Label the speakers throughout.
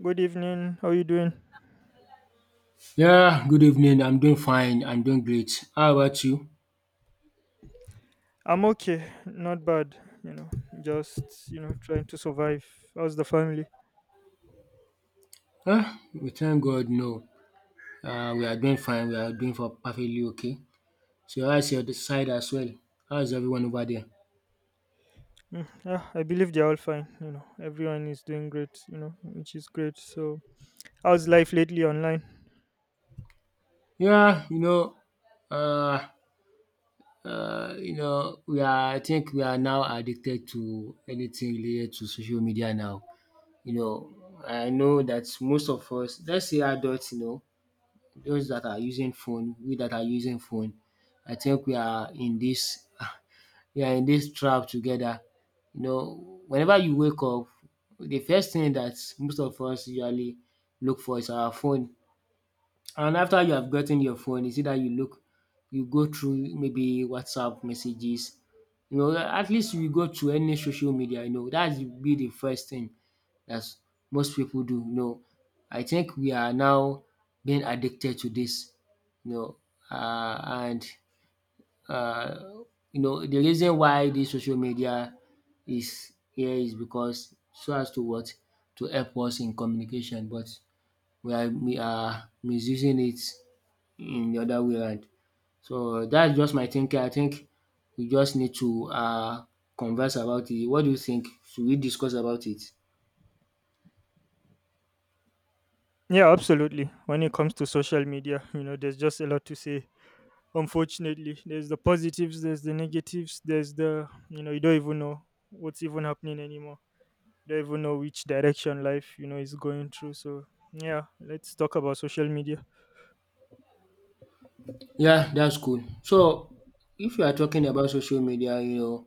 Speaker 1: Good evening. How you doing?
Speaker 2: Yeah, good evening. I'm doing fine. I'm doing great. How about you?
Speaker 1: I'm okay. Not bad. You know, just trying to survive. How's the family?
Speaker 2: Ah, we thank God. No, we are doing fine. We are doing for perfectly okay. So how's your side as well? How's everyone over there?
Speaker 1: Mm, yeah, I believe they're all fine. You know, everyone is doing great. You know, which is great. So, how's life lately online?
Speaker 2: Yeah, uh, we are. I think we are now addicted to anything related to social media now. You know, I know that most of us, let's say adults, you know, those that are using phone, we that are using phone, I think we are in this we are in this trap together. You know, whenever you wake up, the first thing that most of us usually look for is our phone. And after you have gotten your phone, is either you go through maybe WhatsApp messages, you know, at least you go to any social media, you know, dat will be the first thing that most people do, you know. I think we are now being addicted to this. you know, uh, and uh, you know the reason why this social media is here is because so as to what to help us in communication, but we are misusing it in the other way around. So that's just my thinking. I think we just need to converse about it. What do you think? Should we discuss about it?
Speaker 1: Yeah, absolutely. When it comes to social media, you know, there's just a lot to say. Unfortunately, there's the positives, there's the negatives, there's the, you know, you don't even know what's even happening anymore. You don't even know which direction life, you know, is going through. So yeah, let's talk about social media.
Speaker 2: Yeah, that's cool. So, if you are talking about social media, you know,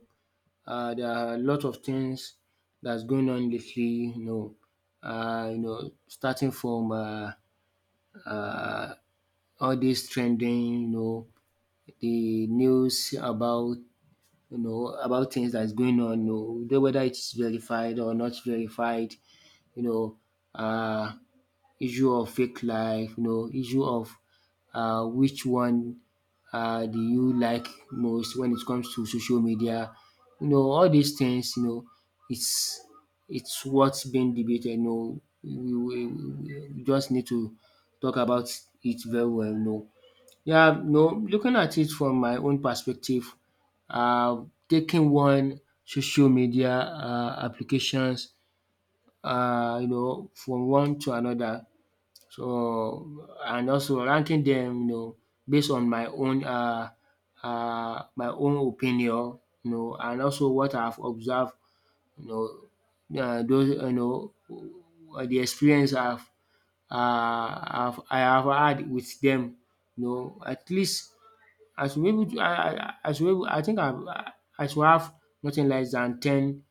Speaker 2: there are a lot of things that's going on lately. You know, starting from uh, all this trending, you know, the news about you know, about things that's going on, you know, though whether it's verified or not verified, you know, uh, issue of fake life, you know, issue of which one do you like most when it comes to social media, you know, all these things, you know, it's it's what's being debated, you know, we just need to talk about it very well, you know, yeah, no, looking at it from my own perspective, uh, taking one social media applications, you know, from one to another. So, and also ranking them, you know, based on my own opinion, you know, and also what I've observed, those, the experience I have had with them, you know, at least I should be able to I should be able I think I should have nothing less than 10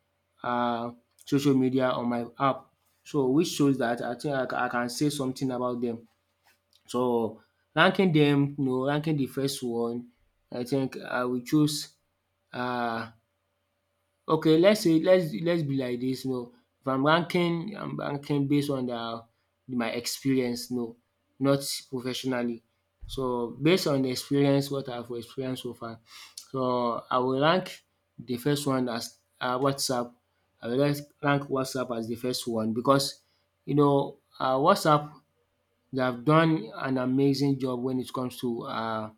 Speaker 2: uh, social media on my app. So which shows that I think I can say something about them. So ranking them, you know, ranking the first one, I think I will choose uh. Okay, let's say let's be like dis now. If I'm ranking based on the my experience no, not professionally. So based on the experience what I've experienced so far, so I will rank the first one as WhatsApp. I will rank WhatsApp as the first one because you know WhatsApp they have done an amazing job when it comes to uh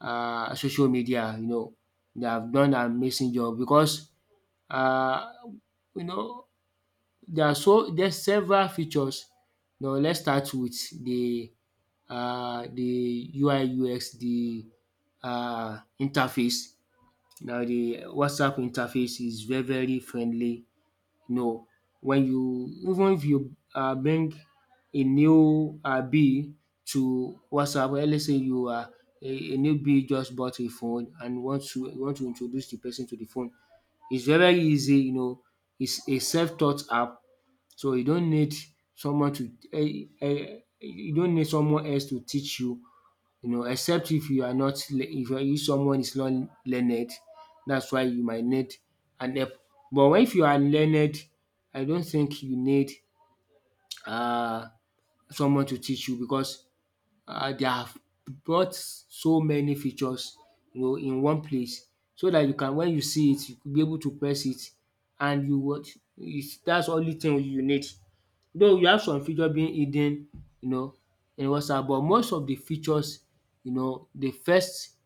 Speaker 2: uh social media you know. They have done an amazing job because uh, you know there are so there's several features. Now let's start with the UI/UX the interface. Now the WhatsApp interface is very friendly you know when you even if you bring a new bill to WhatsApp, let's say you are a new bill just bought a phone and want to introduce the person to the phone, it's very easy, you know, it's a self-taught app. So you don't need someone to you don't need someone else to teach you, you know, except if you are not le- if if someone is not learned, that's why you might need an app. But when if you are learned, I don't think you need um someone to teach you because they have brought so many features you know in one place so that you can when you see it you could be able to press it and you what is that's only thing you need. Though you have some feature being hidden you know in WhatsApp, but most of the features you know the first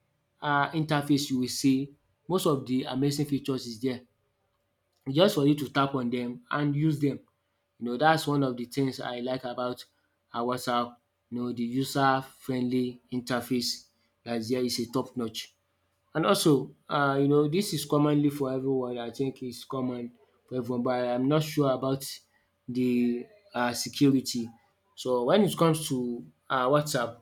Speaker 2: interface you will see, most of the amazing features is there just for you to tap on them and use them. You know that's one of the things I like about WhatsApp. You know the user friendly interface dats there is a top notch. And also you know this is commonly for everyone, I think it's common for everyone, but I'm not sure about the security. So when it comes to WhatsApp,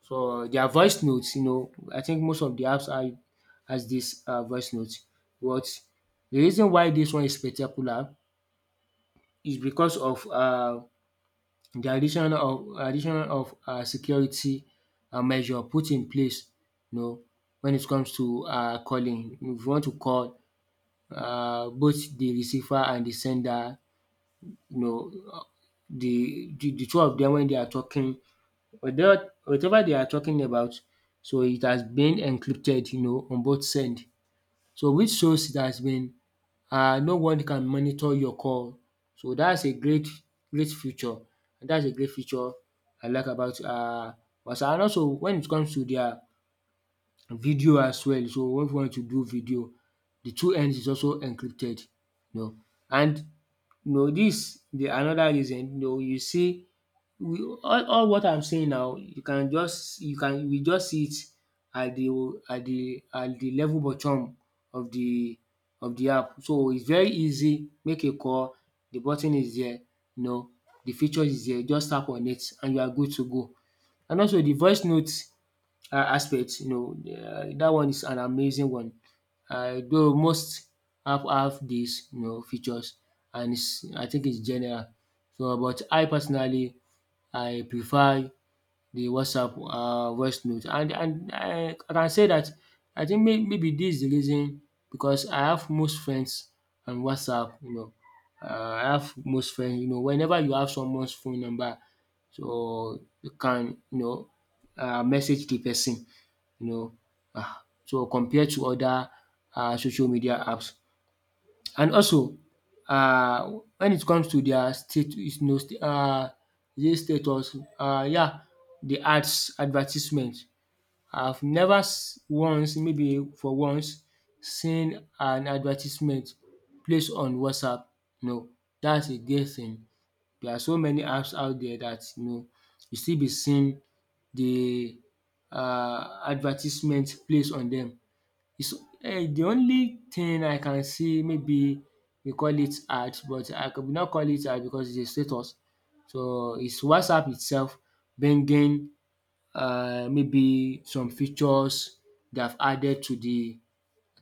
Speaker 2: so their voice notes, you know, I think most of the apps are has this voice notes. But the reason why this one is spectacular is because of the addition of security measure put in place. You know, when it comes to calling, if you want to call, both the receiver and the sender, you know, the two of them when they are talking, without whatever they are talking about, so it has been encrypted, you know, on both send. So which shows it has been no one can monitor your call. So that's a great feature, and that's a great feature I like about WhatsApp. And also when it comes to their video as well, so when you want to do video, the two ends is also encrypted, you know. And you know dis the another reason, you know you see we all what I'm saying now you can we just see it at the at the level bottom of the of the app. So it's very easy, make a call, the button is there, you know, the feature is there, just tap on it and you are good to go. And also the voice note aspect, you know, dat one is an amazing one. Though most app have dis you know features, and is I think it's general. So but I personally I prefer the WhatsApp voice note, and I can say dat I think maybe dis is the reason because I have most friends on WhatsApp, you know. I have most friends you know whenever you have someone's phone number, so you can you know message the person, you know, um so compared to other social media apps. And also when it comes to their state is no is it status, yeah, the ads advertisement. I've never s- once maybe for once seen an advertisement placed on WhatsApp. No, that's against there are so many apps out there that you know you still be seeing the advertisement placed on them. It's the only thing I can see, maybe we call it art, but I could not call it art because it's a status. So it's WhatsApp itself bringing maybe some features they have added to the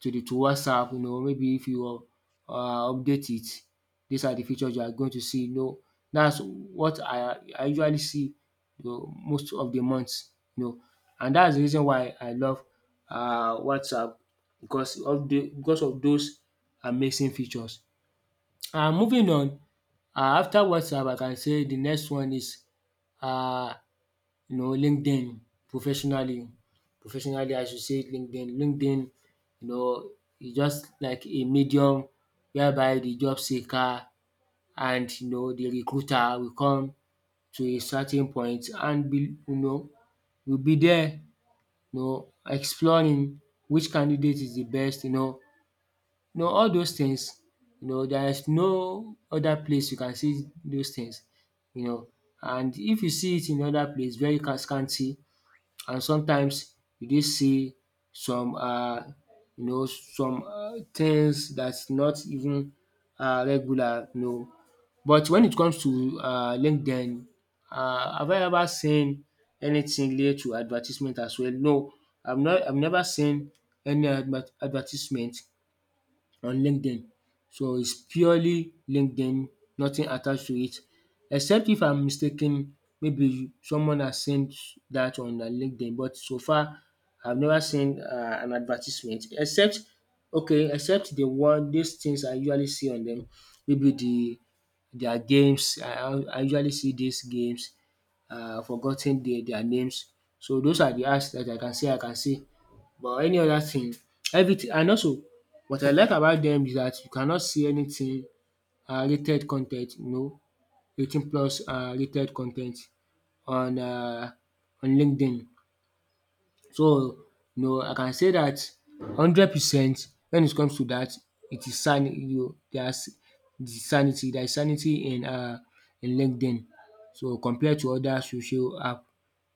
Speaker 2: to WhatsApp, you know, maybe if you uh, update it, these are the features you are going to see. You know, that's what I usually see, you know, most of the months. You know, and that's the reason why I love WhatsApp because of the because of those amazing features. And moving on, after WhatsApp, I can say the next one is uh, LinkedIn professionally. Professionally, I should say LinkedIn. LinkedIn, you know, is just like a medium whereby the job seeker and you know the recruiter will come to a certain point and be you know will be there, you know, exploring which candidate is the best, you know all those things. You know, there is no other place you can see those things, you know. And if you see it in other place, very scanty, and sometimes you dey see some you know some things that's not even regular, you know. But when it comes to LinkedIn, have I ever seen anything related to advertisement as well? No, I've never seen any advertisement on LinkedIn. So it's purely LinkedIn, nothing attached to it except if I'm mistaken, maybe someone has sent that on their LinkedIn, but so far I've never seen an advertisement except okay except the one these things I usually see on them, maybe the their games, I usually see these games, forgotten their names. So those are the apps that I can say I can see. But any other thing, everything, and also what I like about them is that you cannot see anything rated con, you know 18 plus rated con on on LinkedIn. So, you know, I can say that 100% when it comes to that, it is san, you know, there's the sanity, there is sanity in LinkedIn, so compared to other social app,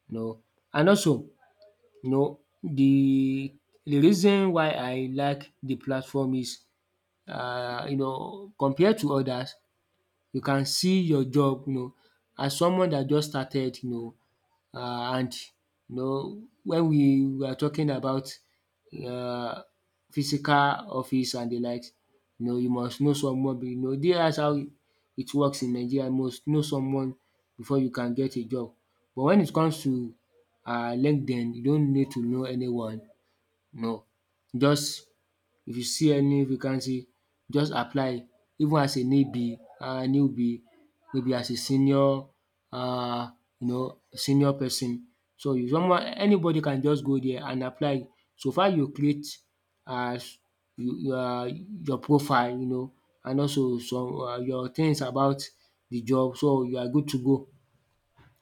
Speaker 2: you know. And also, you know, the reason why I like the platform is, you know, compared to others, you can see your job, you know, as someone that just started, you know, and you know, when we were talking about um physical office and the likes, you know, you must know someone, you know, that's how it works in Nigeria. You must know someone before you can get a job. But when it comes to LinkedIn, you don't need to know anyone. No. Just if you see any vacancy, just apply, even as a newbie, newbie, maybe as a senior, um you know, senior person. So you, someone, anybody can just go there and apply. So far you create, um you your profile, you know, and also some your things about the job, so you are good to go.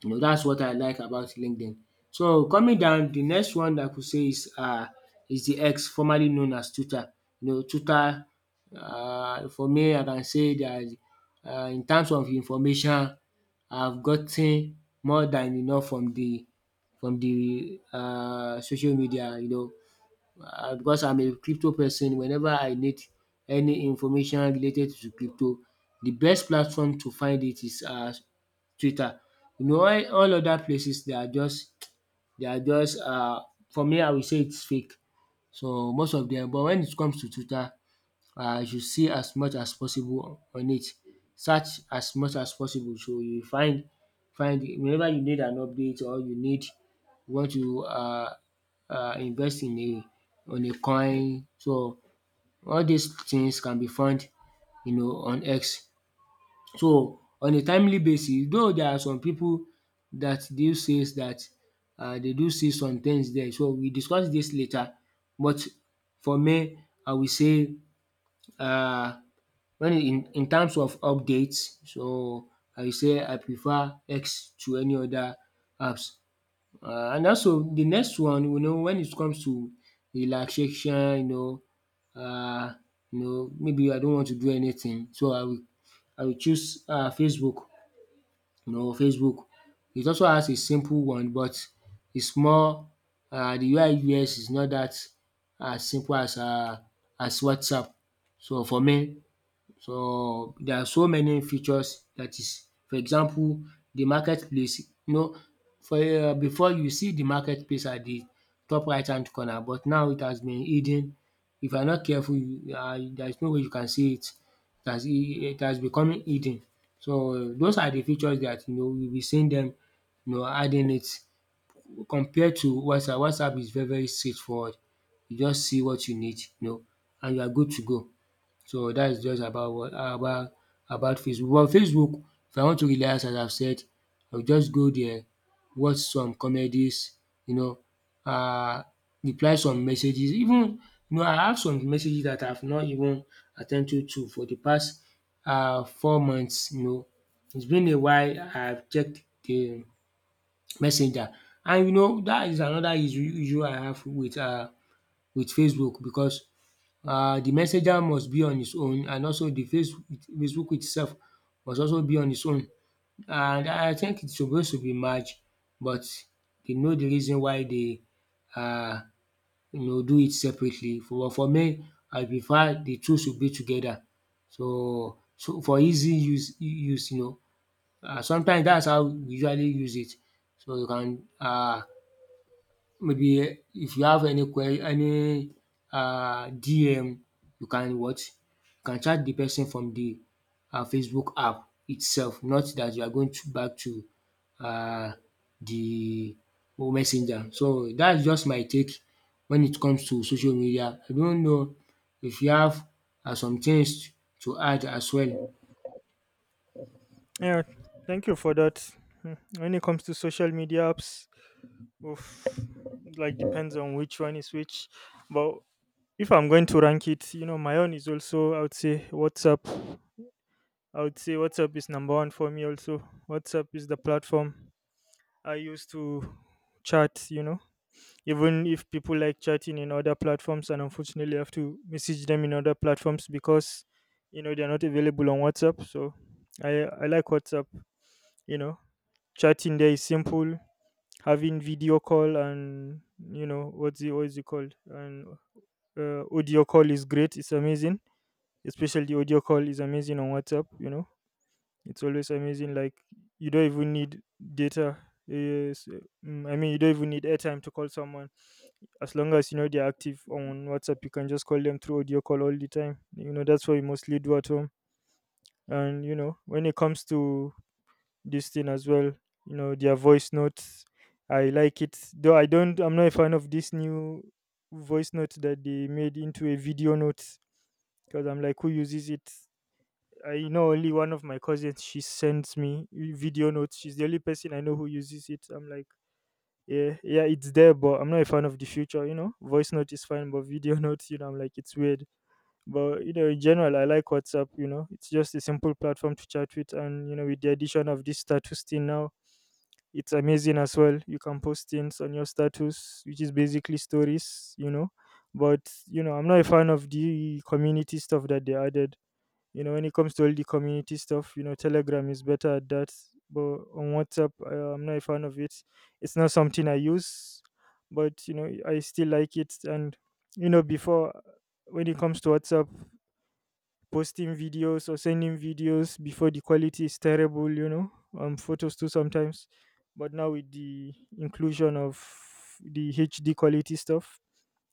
Speaker 2: That's what I like about LinkedIn. So coming down, the next one I could say is the X, formerly known as Twitter. You know, Twitter. For me, I can say that, in terms of information, I've gotten more than enough from the social media, you know, because I'm a crypto person. Whenever I need any information related to crypto, the best platform to find it is Twitter. You know, all other places, they are just, they are just, for me, I will say it's fake, so most of them. But when it comes to Twitter, you should see as much as possible on it. Search as much as possible, so you find, find whenever you need an update or you need, you want to invest in a, on a coin, so all these things can be found, you know, on X. So on a timely basis, though there are some people that do says that dey do see some things there, so we discuss this later. But for me, I will say, um when in terms of updates, so I say I prefer X to any other apps. And also the next one, you know, when it comes to relaxation, you know, you know, maybe I don't want to do anything, so I will, I will choose Facebook. You know, Facebook, it also has a simple one, but it's more, the UI UX is not that as simple as WhatsApp. So for me, so there are so many features, that is for example the marketplace, you know, for before, you see the marketplace at the top right hand corner, but now it has been hidden. If you are not careful, there is no way you can see it. It has, it has become hidden. So those are the features that, you know, we will be seeing them, you know, adding it, compared to WhatsApp. WhatsApp is very, very straightforward. You just see what you need, you know, and you are good to go. So that is just about what about Facebook. But Facebook, if I want to relax, as I have said, I will just go there, watch some comedies, you know, uh, reply some messages, even, you know, I have some messages that I have not even at to for the past 4 months, you know. It's been a while I have checked the messenger, and you know, that is another issue I have with Facebook, because the messenger must be on his own, and also the Facebook itself must also be on its own, and I think it's supposed to be merged. But you know, the reason why they, um you know, do it separately. For me, I prefer the two should be together, so, so for easy use, you know. Sometimes that's how we usually use it, so you can, maybe if you have any que, any DM, you can what you can chat the person from the Facebook app itself, not that you are going to back to uh the messenger. So that's just my take when it comes to social media. I don't know if you have some things to add as well.
Speaker 1: Yeah, thank you for that. Hmm, when it comes to social media apps, oof, like depends on which one is which. But if I'm going to rank it, you know, my own is also, I would say WhatsApp. I would say WhatsApp is number one for me also. WhatsApp is the platform I use to chat, you know. Even if people like chatting in other platforms and unfortunately I have to message them in other platforms because you know they're not available on WhatsApp. So I like WhatsApp, you know. Chatting there is simple. Having video call and you know what is it called? And audio call is great, it's amazing. Especially audio call is amazing on WhatsApp, you know. It's always amazing. Like you don't even need data. Yes, I mean you don't even need airtime to call someone. As long as you know they're active on WhatsApp, you can just call them through audio call all the time. You know that's what we mostly do at home. And you know when it comes to this thing as well, you know their voice notes. I like it though. I don't. I'm not a fan of this new voice note that they made into a video note, because I'm like, who uses it? I know only one of my cousins. She sends me video notes. She's the only person I know who uses it. I'm like, yeah, yeah, it's there, but I'm not a fan of the future. You know, voice note is fine, but video notes, you know, I'm like, it's weird. But you know, in general, I like WhatsApp. You know, it's just a simple platform to chat with, and you know, with the addition of this status thing now, it's amazing as well. You can post things on your status, which is basically stories. You know, but you know, I'm not a fan of the community stuff that they added. You know, when it comes to all the community stuff, you know, Telegram is better at that. But on WhatsApp, I'm not a fan of it. It's not something I use, but you know I still like it. And you know, before, when it comes to WhatsApp, posting videos or sending videos, before, the quality is terrible, you know, um, photos too sometimes. But now with the inclusion of the HD quality stuff,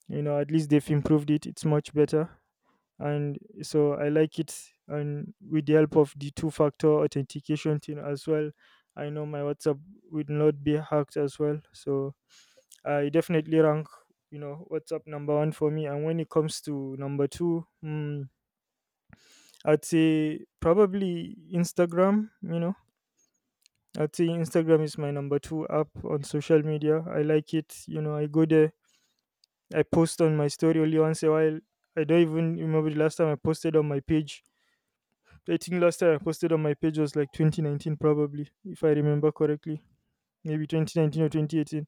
Speaker 1: you know, at least they've improved it. It's much better. And so I like it, and with the help of the two factor authentication thing as well, I know my WhatsApp would not be hacked as well. So I definitely rank, you know, WhatsApp number one for me. And when it comes to number two, hmm, I'd say probably Instagram. You know, I'd say Instagram is my number two app on social media. I like it, you know. I go there, I post on my story only once a while. I don't even remember the last time I posted on my page. I think last time I posted on my page was like 2019, probably, if I remember correctly. Maybe 2019 or 2018.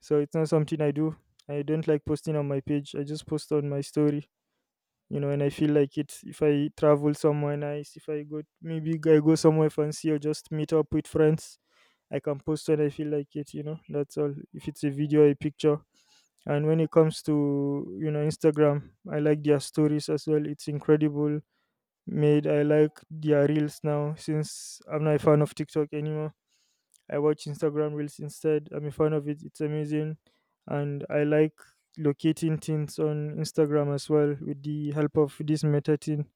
Speaker 1: So it's not something I do. I don't like posting on my page. I just post on my story, you know, and I feel like it. If I travel somewhere nice, if I go, maybe I go somewhere fancy or just meet up with friends, I can post when I feel like it, you know, that's all. If it's a video, a picture. And when it comes to, you know, Instagram, I like their stories as well. It's incredible made. I like their reels now, since I'm not a fan of TikTok anymore. I watch Instagram reels instead. I'm a fan of it. It's amazing. And I like locating things on Instagram as well with the help of this Meta thing.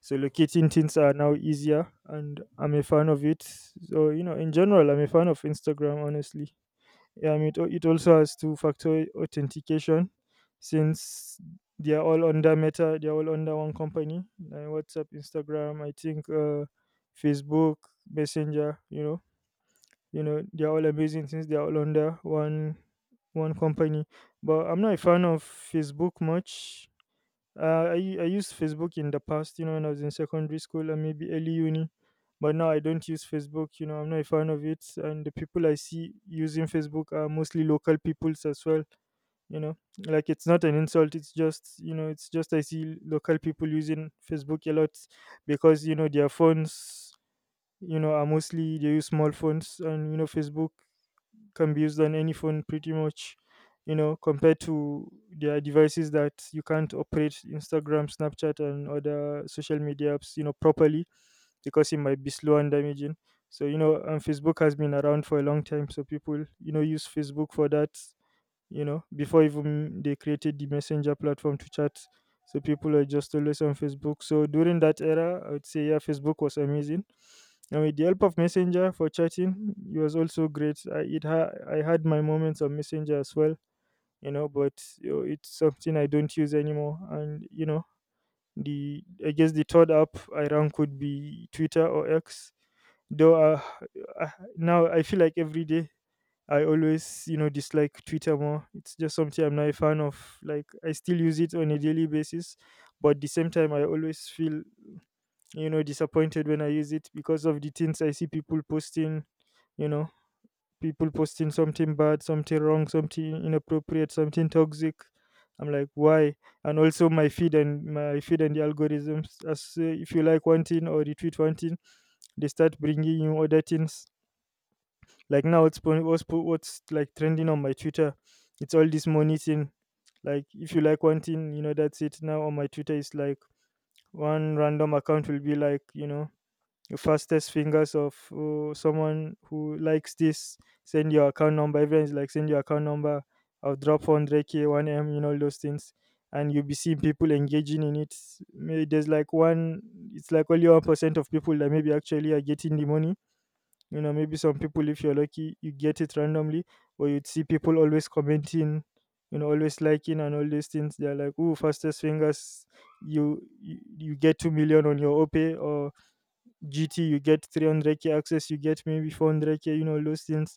Speaker 1: So locating things are now easier and I'm a fan of it. So, you know, in general, I'm a fan of Instagram, honestly. It also has two factor authentication, since they are all under Meta. They are all under one company like WhatsApp, Instagram, I think, Facebook, Messenger, you know, they are all amazing since they are all under one company. But I'm not a fan of Facebook much. I used Facebook in the past, you know, when I was in secondary school and maybe early uni, but now I don't use Facebook. You know, I'm not a fan of it, and the people I see using Facebook are mostly local peoples as well. You know, like it's not an insult. It's just, you know, it's just I see local people using Facebook a lot, because you know their phones, you know, are mostly, they use small phones, and you know, Facebook can be used on any phone pretty much, you know, compared to their devices that you can't operate Instagram, Snapchat and other social media apps, you know, properly, because it might be slow and damaging. So you know, and Facebook has been around for a long time, so people, you know, use Facebook for that, you know, before even they created the Messenger platform to chat. So people are just always on Facebook. So during that era, I would say yeah, Facebook was amazing. And with the help of Messenger for chatting, it was also great. I had my moments on Messenger as well, you know, but you know, it's something I don't use anymore. And you know, the, I guess the third app I rank could be Twitter or X, though uh, now I feel like every day I always, you know, dislike Twitter more. It's just something I'm not a fan of. Like I still use it on a daily basis, but at the same time, I always feel, you know, disappointed when I use it because of the things I see people posting. You know, people posting something bad, something wrong, something inappropriate, something toxic. I'm like, why? And also my feed and the algorithms. As If you like one thing or retweet one thing, they start bringing you other things. Like now, what's like trending on my Twitter? It's all this money thing. Like if you like one thing, you know that's it. Now on my Twitter, it's like one random account will be like, you know, the fastest fingers of someone who likes this. Send your account number. Everyone's like send your account number. I'll drop 100k, 1m, you know, all those things, and you'll be seeing people engaging in it. Maybe there's like one, it's like only 1% of people that maybe actually are getting the money. You know, maybe some people, if you're lucky, you get it randomly, or you'd see people always commenting, you know, always liking and all these things. They're like, "Ooh, fastest fingers, you get 2 million on your Opay, or GT, you get 300k access, you get maybe 400k." You know, all those things.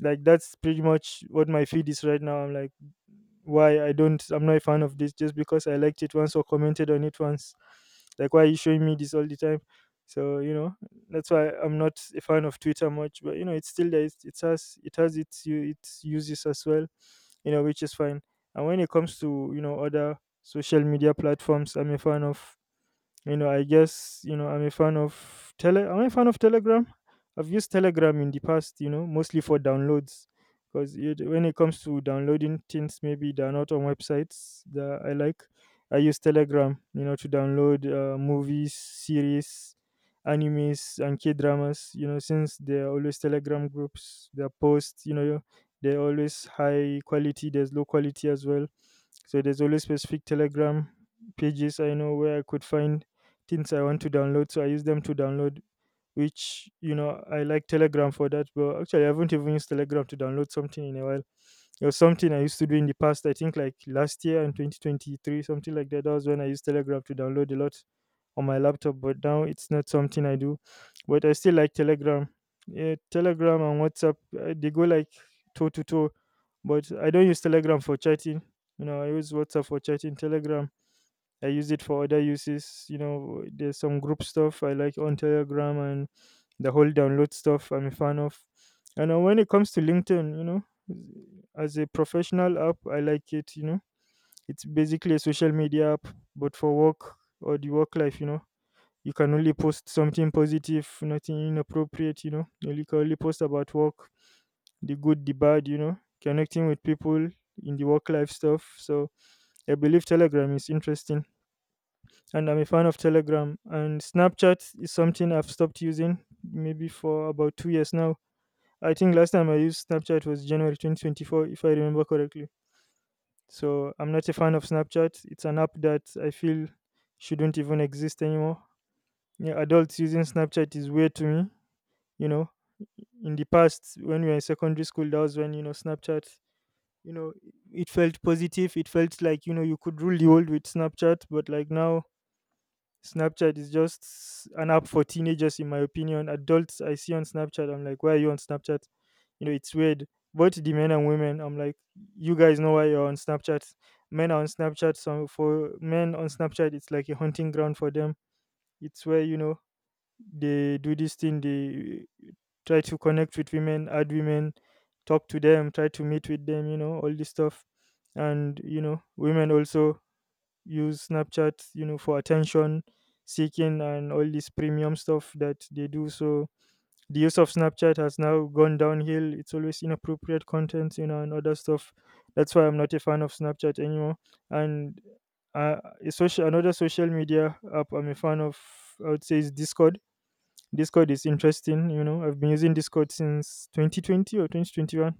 Speaker 1: Like that's pretty much what my feed is right now. I'm like, why, I'm not a fan of this just because I liked it once or commented on it once. Like why are you showing me this all the time? So, you know, that's why I'm not a fan of Twitter much, but you know, it's still there. It has its uses as well, you know, which is fine. And when it comes to, you know, other social media platforms, I'm a fan of, you know, I guess, you know, I'm a fan of tele am I a fan of Telegram? I've used Telegram in the past, you know, mostly for downloads, because it, when it comes to downloading things maybe they're not on websites that I like, I use Telegram, you know, to download movies, series, animes and K dramas, you know, since there are always Telegram groups, their posts, you know, they're always high quality, there's low quality as well. So there's always specific Telegram pages I know where I could find things I want to download. So I use them to download, which, you know, I like Telegram for that. But actually, I haven't even used Telegram to download something in a while. It was something I used to do in the past, I think like last year in 2023, something like that. That was when I used Telegram to download a lot on my laptop, but now it's not something I do. But I still like Telegram. Yeah, Telegram and WhatsApp, they go like toe to toe, but I don't use Telegram for chatting. You know, I use WhatsApp for chatting, Telegram I use it for other uses. You know, there's some group stuff I like on Telegram and the whole download stuff I'm a fan of. And when it comes to LinkedIn, you know, as a professional app, I like it. You know, it's basically a social media app, but for work or the work life, you know, you can only post something positive, nothing inappropriate, you know, you can only post about work, the good, the bad, you know, connecting with people in the work life stuff. So I believe Telegram is interesting and I'm a fan of Telegram. And Snapchat is something I've stopped using maybe for about 2 years now. I think last time I used Snapchat was January 2024, if I remember correctly. So I'm not a fan of Snapchat. It's an app that I feel shouldn't even exist anymore. Yeah, adults using Snapchat is weird to me. You know, in the past, when we were in secondary school, that was when, you know, Snapchat, you know, it felt positive. It felt like, you know, you could rule the world with Snapchat. But like now, Snapchat is just an app for teenagers, in my opinion. Adults I see on Snapchat, I'm like, why are you on Snapchat? You know, it's weird. Both the men and women, I'm like, you guys know why you're on Snapchat. Men are on Snapchat, so for men on Snapchat, it's like a hunting ground for them. It's where you know they do this thing. They try to connect with women, add women, talk to them, try to meet with them. You know, all this stuff, and you know, women also use Snapchat, you know, for attention seeking and all this premium stuff that they do. So the use of Snapchat has now gone downhill. It's always inappropriate content, you know, and other stuff. That's why I'm not a fan of Snapchat anymore. And uh, a social another social media app I'm a fan of, I would say, is Discord. Discord is interesting, you know. I've been using Discord since 2020 or 2021.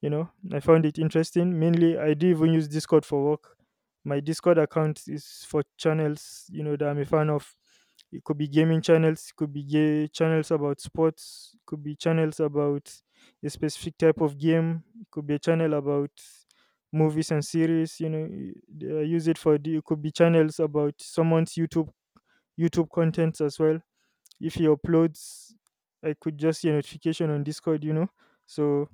Speaker 1: You know, I found it interesting. Mainly, I do even use Discord for work. My Discord account is for channels, you know, that I'm a fan of. It could be gaming channels, it could be gay channels about sports, it could be channels about a specific type of game, it could be a channel about movies and series, you know, I use it for the, it could be channels about someone's YouTube contents as well. If he uploads, I could just see a notification on Discord, you know. So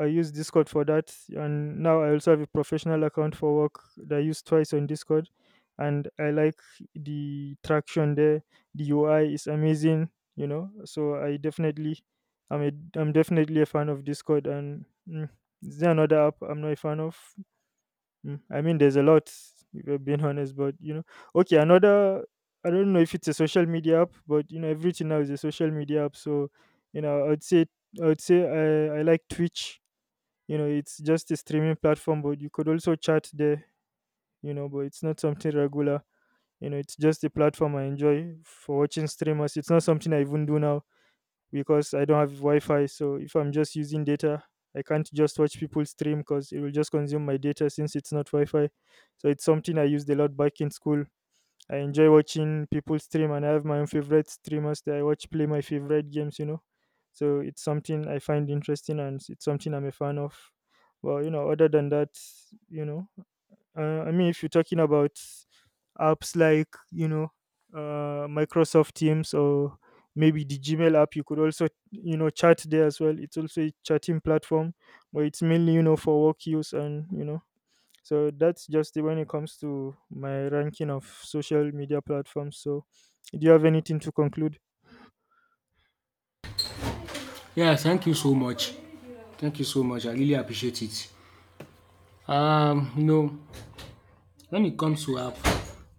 Speaker 1: I use Discord for that, and now I also have a professional account for work that I use twice on Discord, and I like the traction there. The UI is amazing, you know. So I definitely, I'm a, I'm definitely a fan of Discord. And is there another app I'm not a fan of? I mean, there's a lot. If I'm being honest, but you know, okay, another. I don't know if it's a social media app, but you know, everything now is a social media app. So, you know, I'd say I like Twitch. You know, it's just a streaming platform, but you could also chat there, you know, but it's not something regular. You know, it's just a platform I enjoy for watching streamers. It's not something I even do now because I don't have wi-fi. So if I'm just using data, I can't just watch people stream because it will just consume my data since it's not wi-fi. So it's something I used a lot back in school. I enjoy watching people stream and I have my own favorite streamers that I watch play my favorite games, you know. So it's something I find interesting and it's something I'm a fan of. Well, you know, other than that, you know, I mean, if you're talking about apps like, you know, Microsoft Teams or maybe the Gmail app, you could also, you know, chat there as well. It's also a chatting platform, but it's mainly, you know, for work use and, you know, so that's just it when it comes to my ranking of social media platforms. So, do you have anything to conclude?
Speaker 2: Yeah, thank you so much. Thank you so much. I really appreciate it. You know, when it comes to app,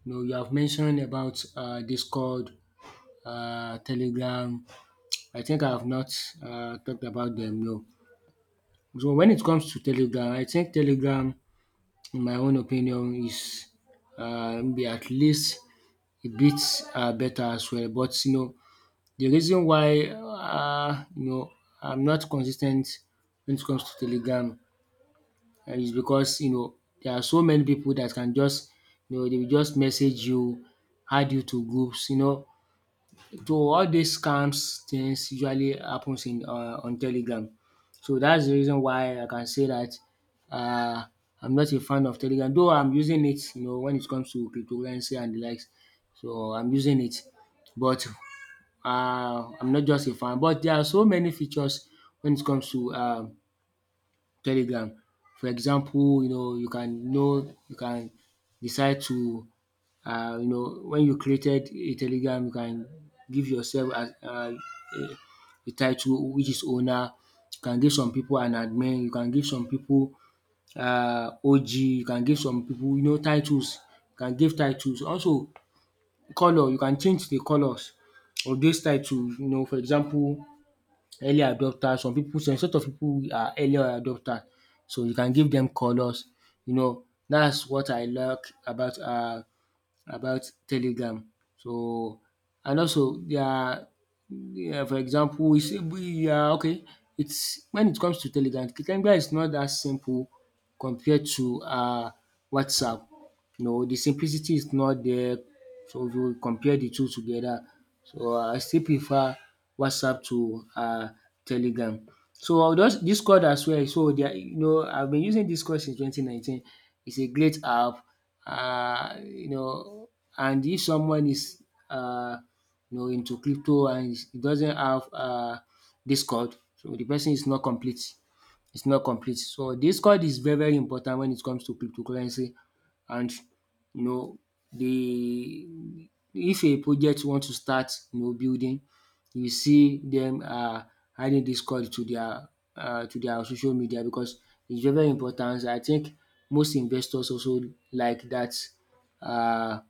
Speaker 2: you know, you have mentioned about Discord, Telegram. I think I have not talked about them. No. So when it comes to Telegram, I think Telegram, in my own opinion, is, maybe at least a bit better as well. But you know, the reason why, you know, I'm not consistent when it comes to Telegram, it's because, you know, there are so many people that can just, you know, they will just message you, add you to groups, you know. So all these scams things usually happens in, on Telegram. So that's the reason why I can say that, uh, I'm not a fan of Telegram, though I'm using it, you know, when it comes to cryptocurrency and the likes. So I'm using it, but, I'm not just a fan. But there are so many features when it comes to Telegram. For example, you know, you can know, you can decide to, you know, when you created a Telegram, you can give yourself as a title which is owner, you can give some people an admin, you can give some people, OG, you can give some people, you know, titles, you can give titles. Also colour, you can change the colours of dis title. You know, for example, early adopters, some people, some sort of people are early adopters, so you can give them colors, you know. That's what I like about uh about telegram. So, and also there are, yeah, for example, we say we are okay. Its when it comes to telegram, telegram is not that simple compared to WhatsApp. No, the simplicity is not there. So if you compare the two together, so I still prefer WhatsApp to Telegram. So I will just Discord as well. So there, you know, I've been using Discord since 2019. It's a great app. You know, and if someone is, uh, you know, into crypto and he doesn't have Discord, so the person is not complete. It's not complete. So this code is very, very important when it comes to cryptocurrency, and you know, the, if a project want to start, you know, building, you see them adding this code to their social media, because it's very, very important. I think most investors also like that, um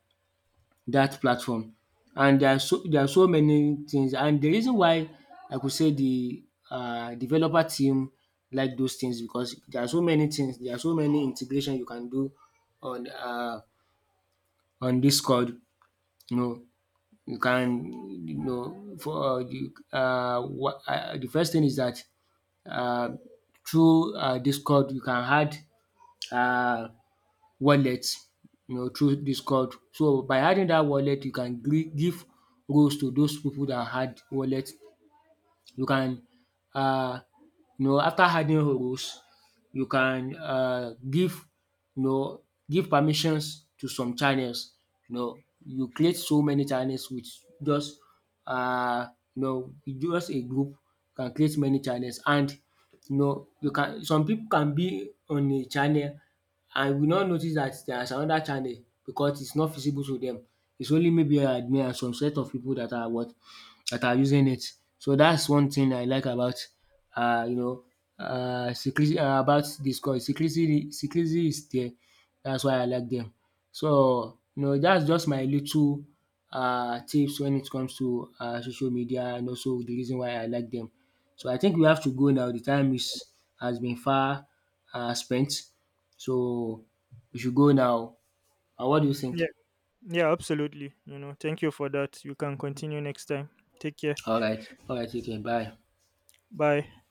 Speaker 2: that platform. And there are so, there are so many things, and the reason why I could say the, developer team like those things, because there are so many things, there are so many integration you can do on uh on discord, you know. You can, you know, for what de first thing is that, uh through discord you can add uh wallet, you know, through dis code. So by adding that wallet, you can give roles to those people that had wallet. You can, uh, you know, after adding rows, you can give, you know, give permissions to some channels. You know, you create so many channels with just, uh, you know, with just a group, can create many channels, and you know, you can, some people can be on a channel and will not notice that there is another channel, because it's not visible to them. It's only maybe an admin and some set of people that are what, that are using it. So that's one thing I like about, you know, secrecy about Discord. Secrecy is there. That's why I like them. So you know, that's just my little, tips when it comes to social media, and also the reason why I like them. So I think we have to go now. The time is has been far, spent. So we should go now. What do you think?
Speaker 1: Yeah, yeah, absolutely. You know, thank you for that. You can continue next time. Take care.
Speaker 2: Alright, alright, okay, bye.
Speaker 1: Bye.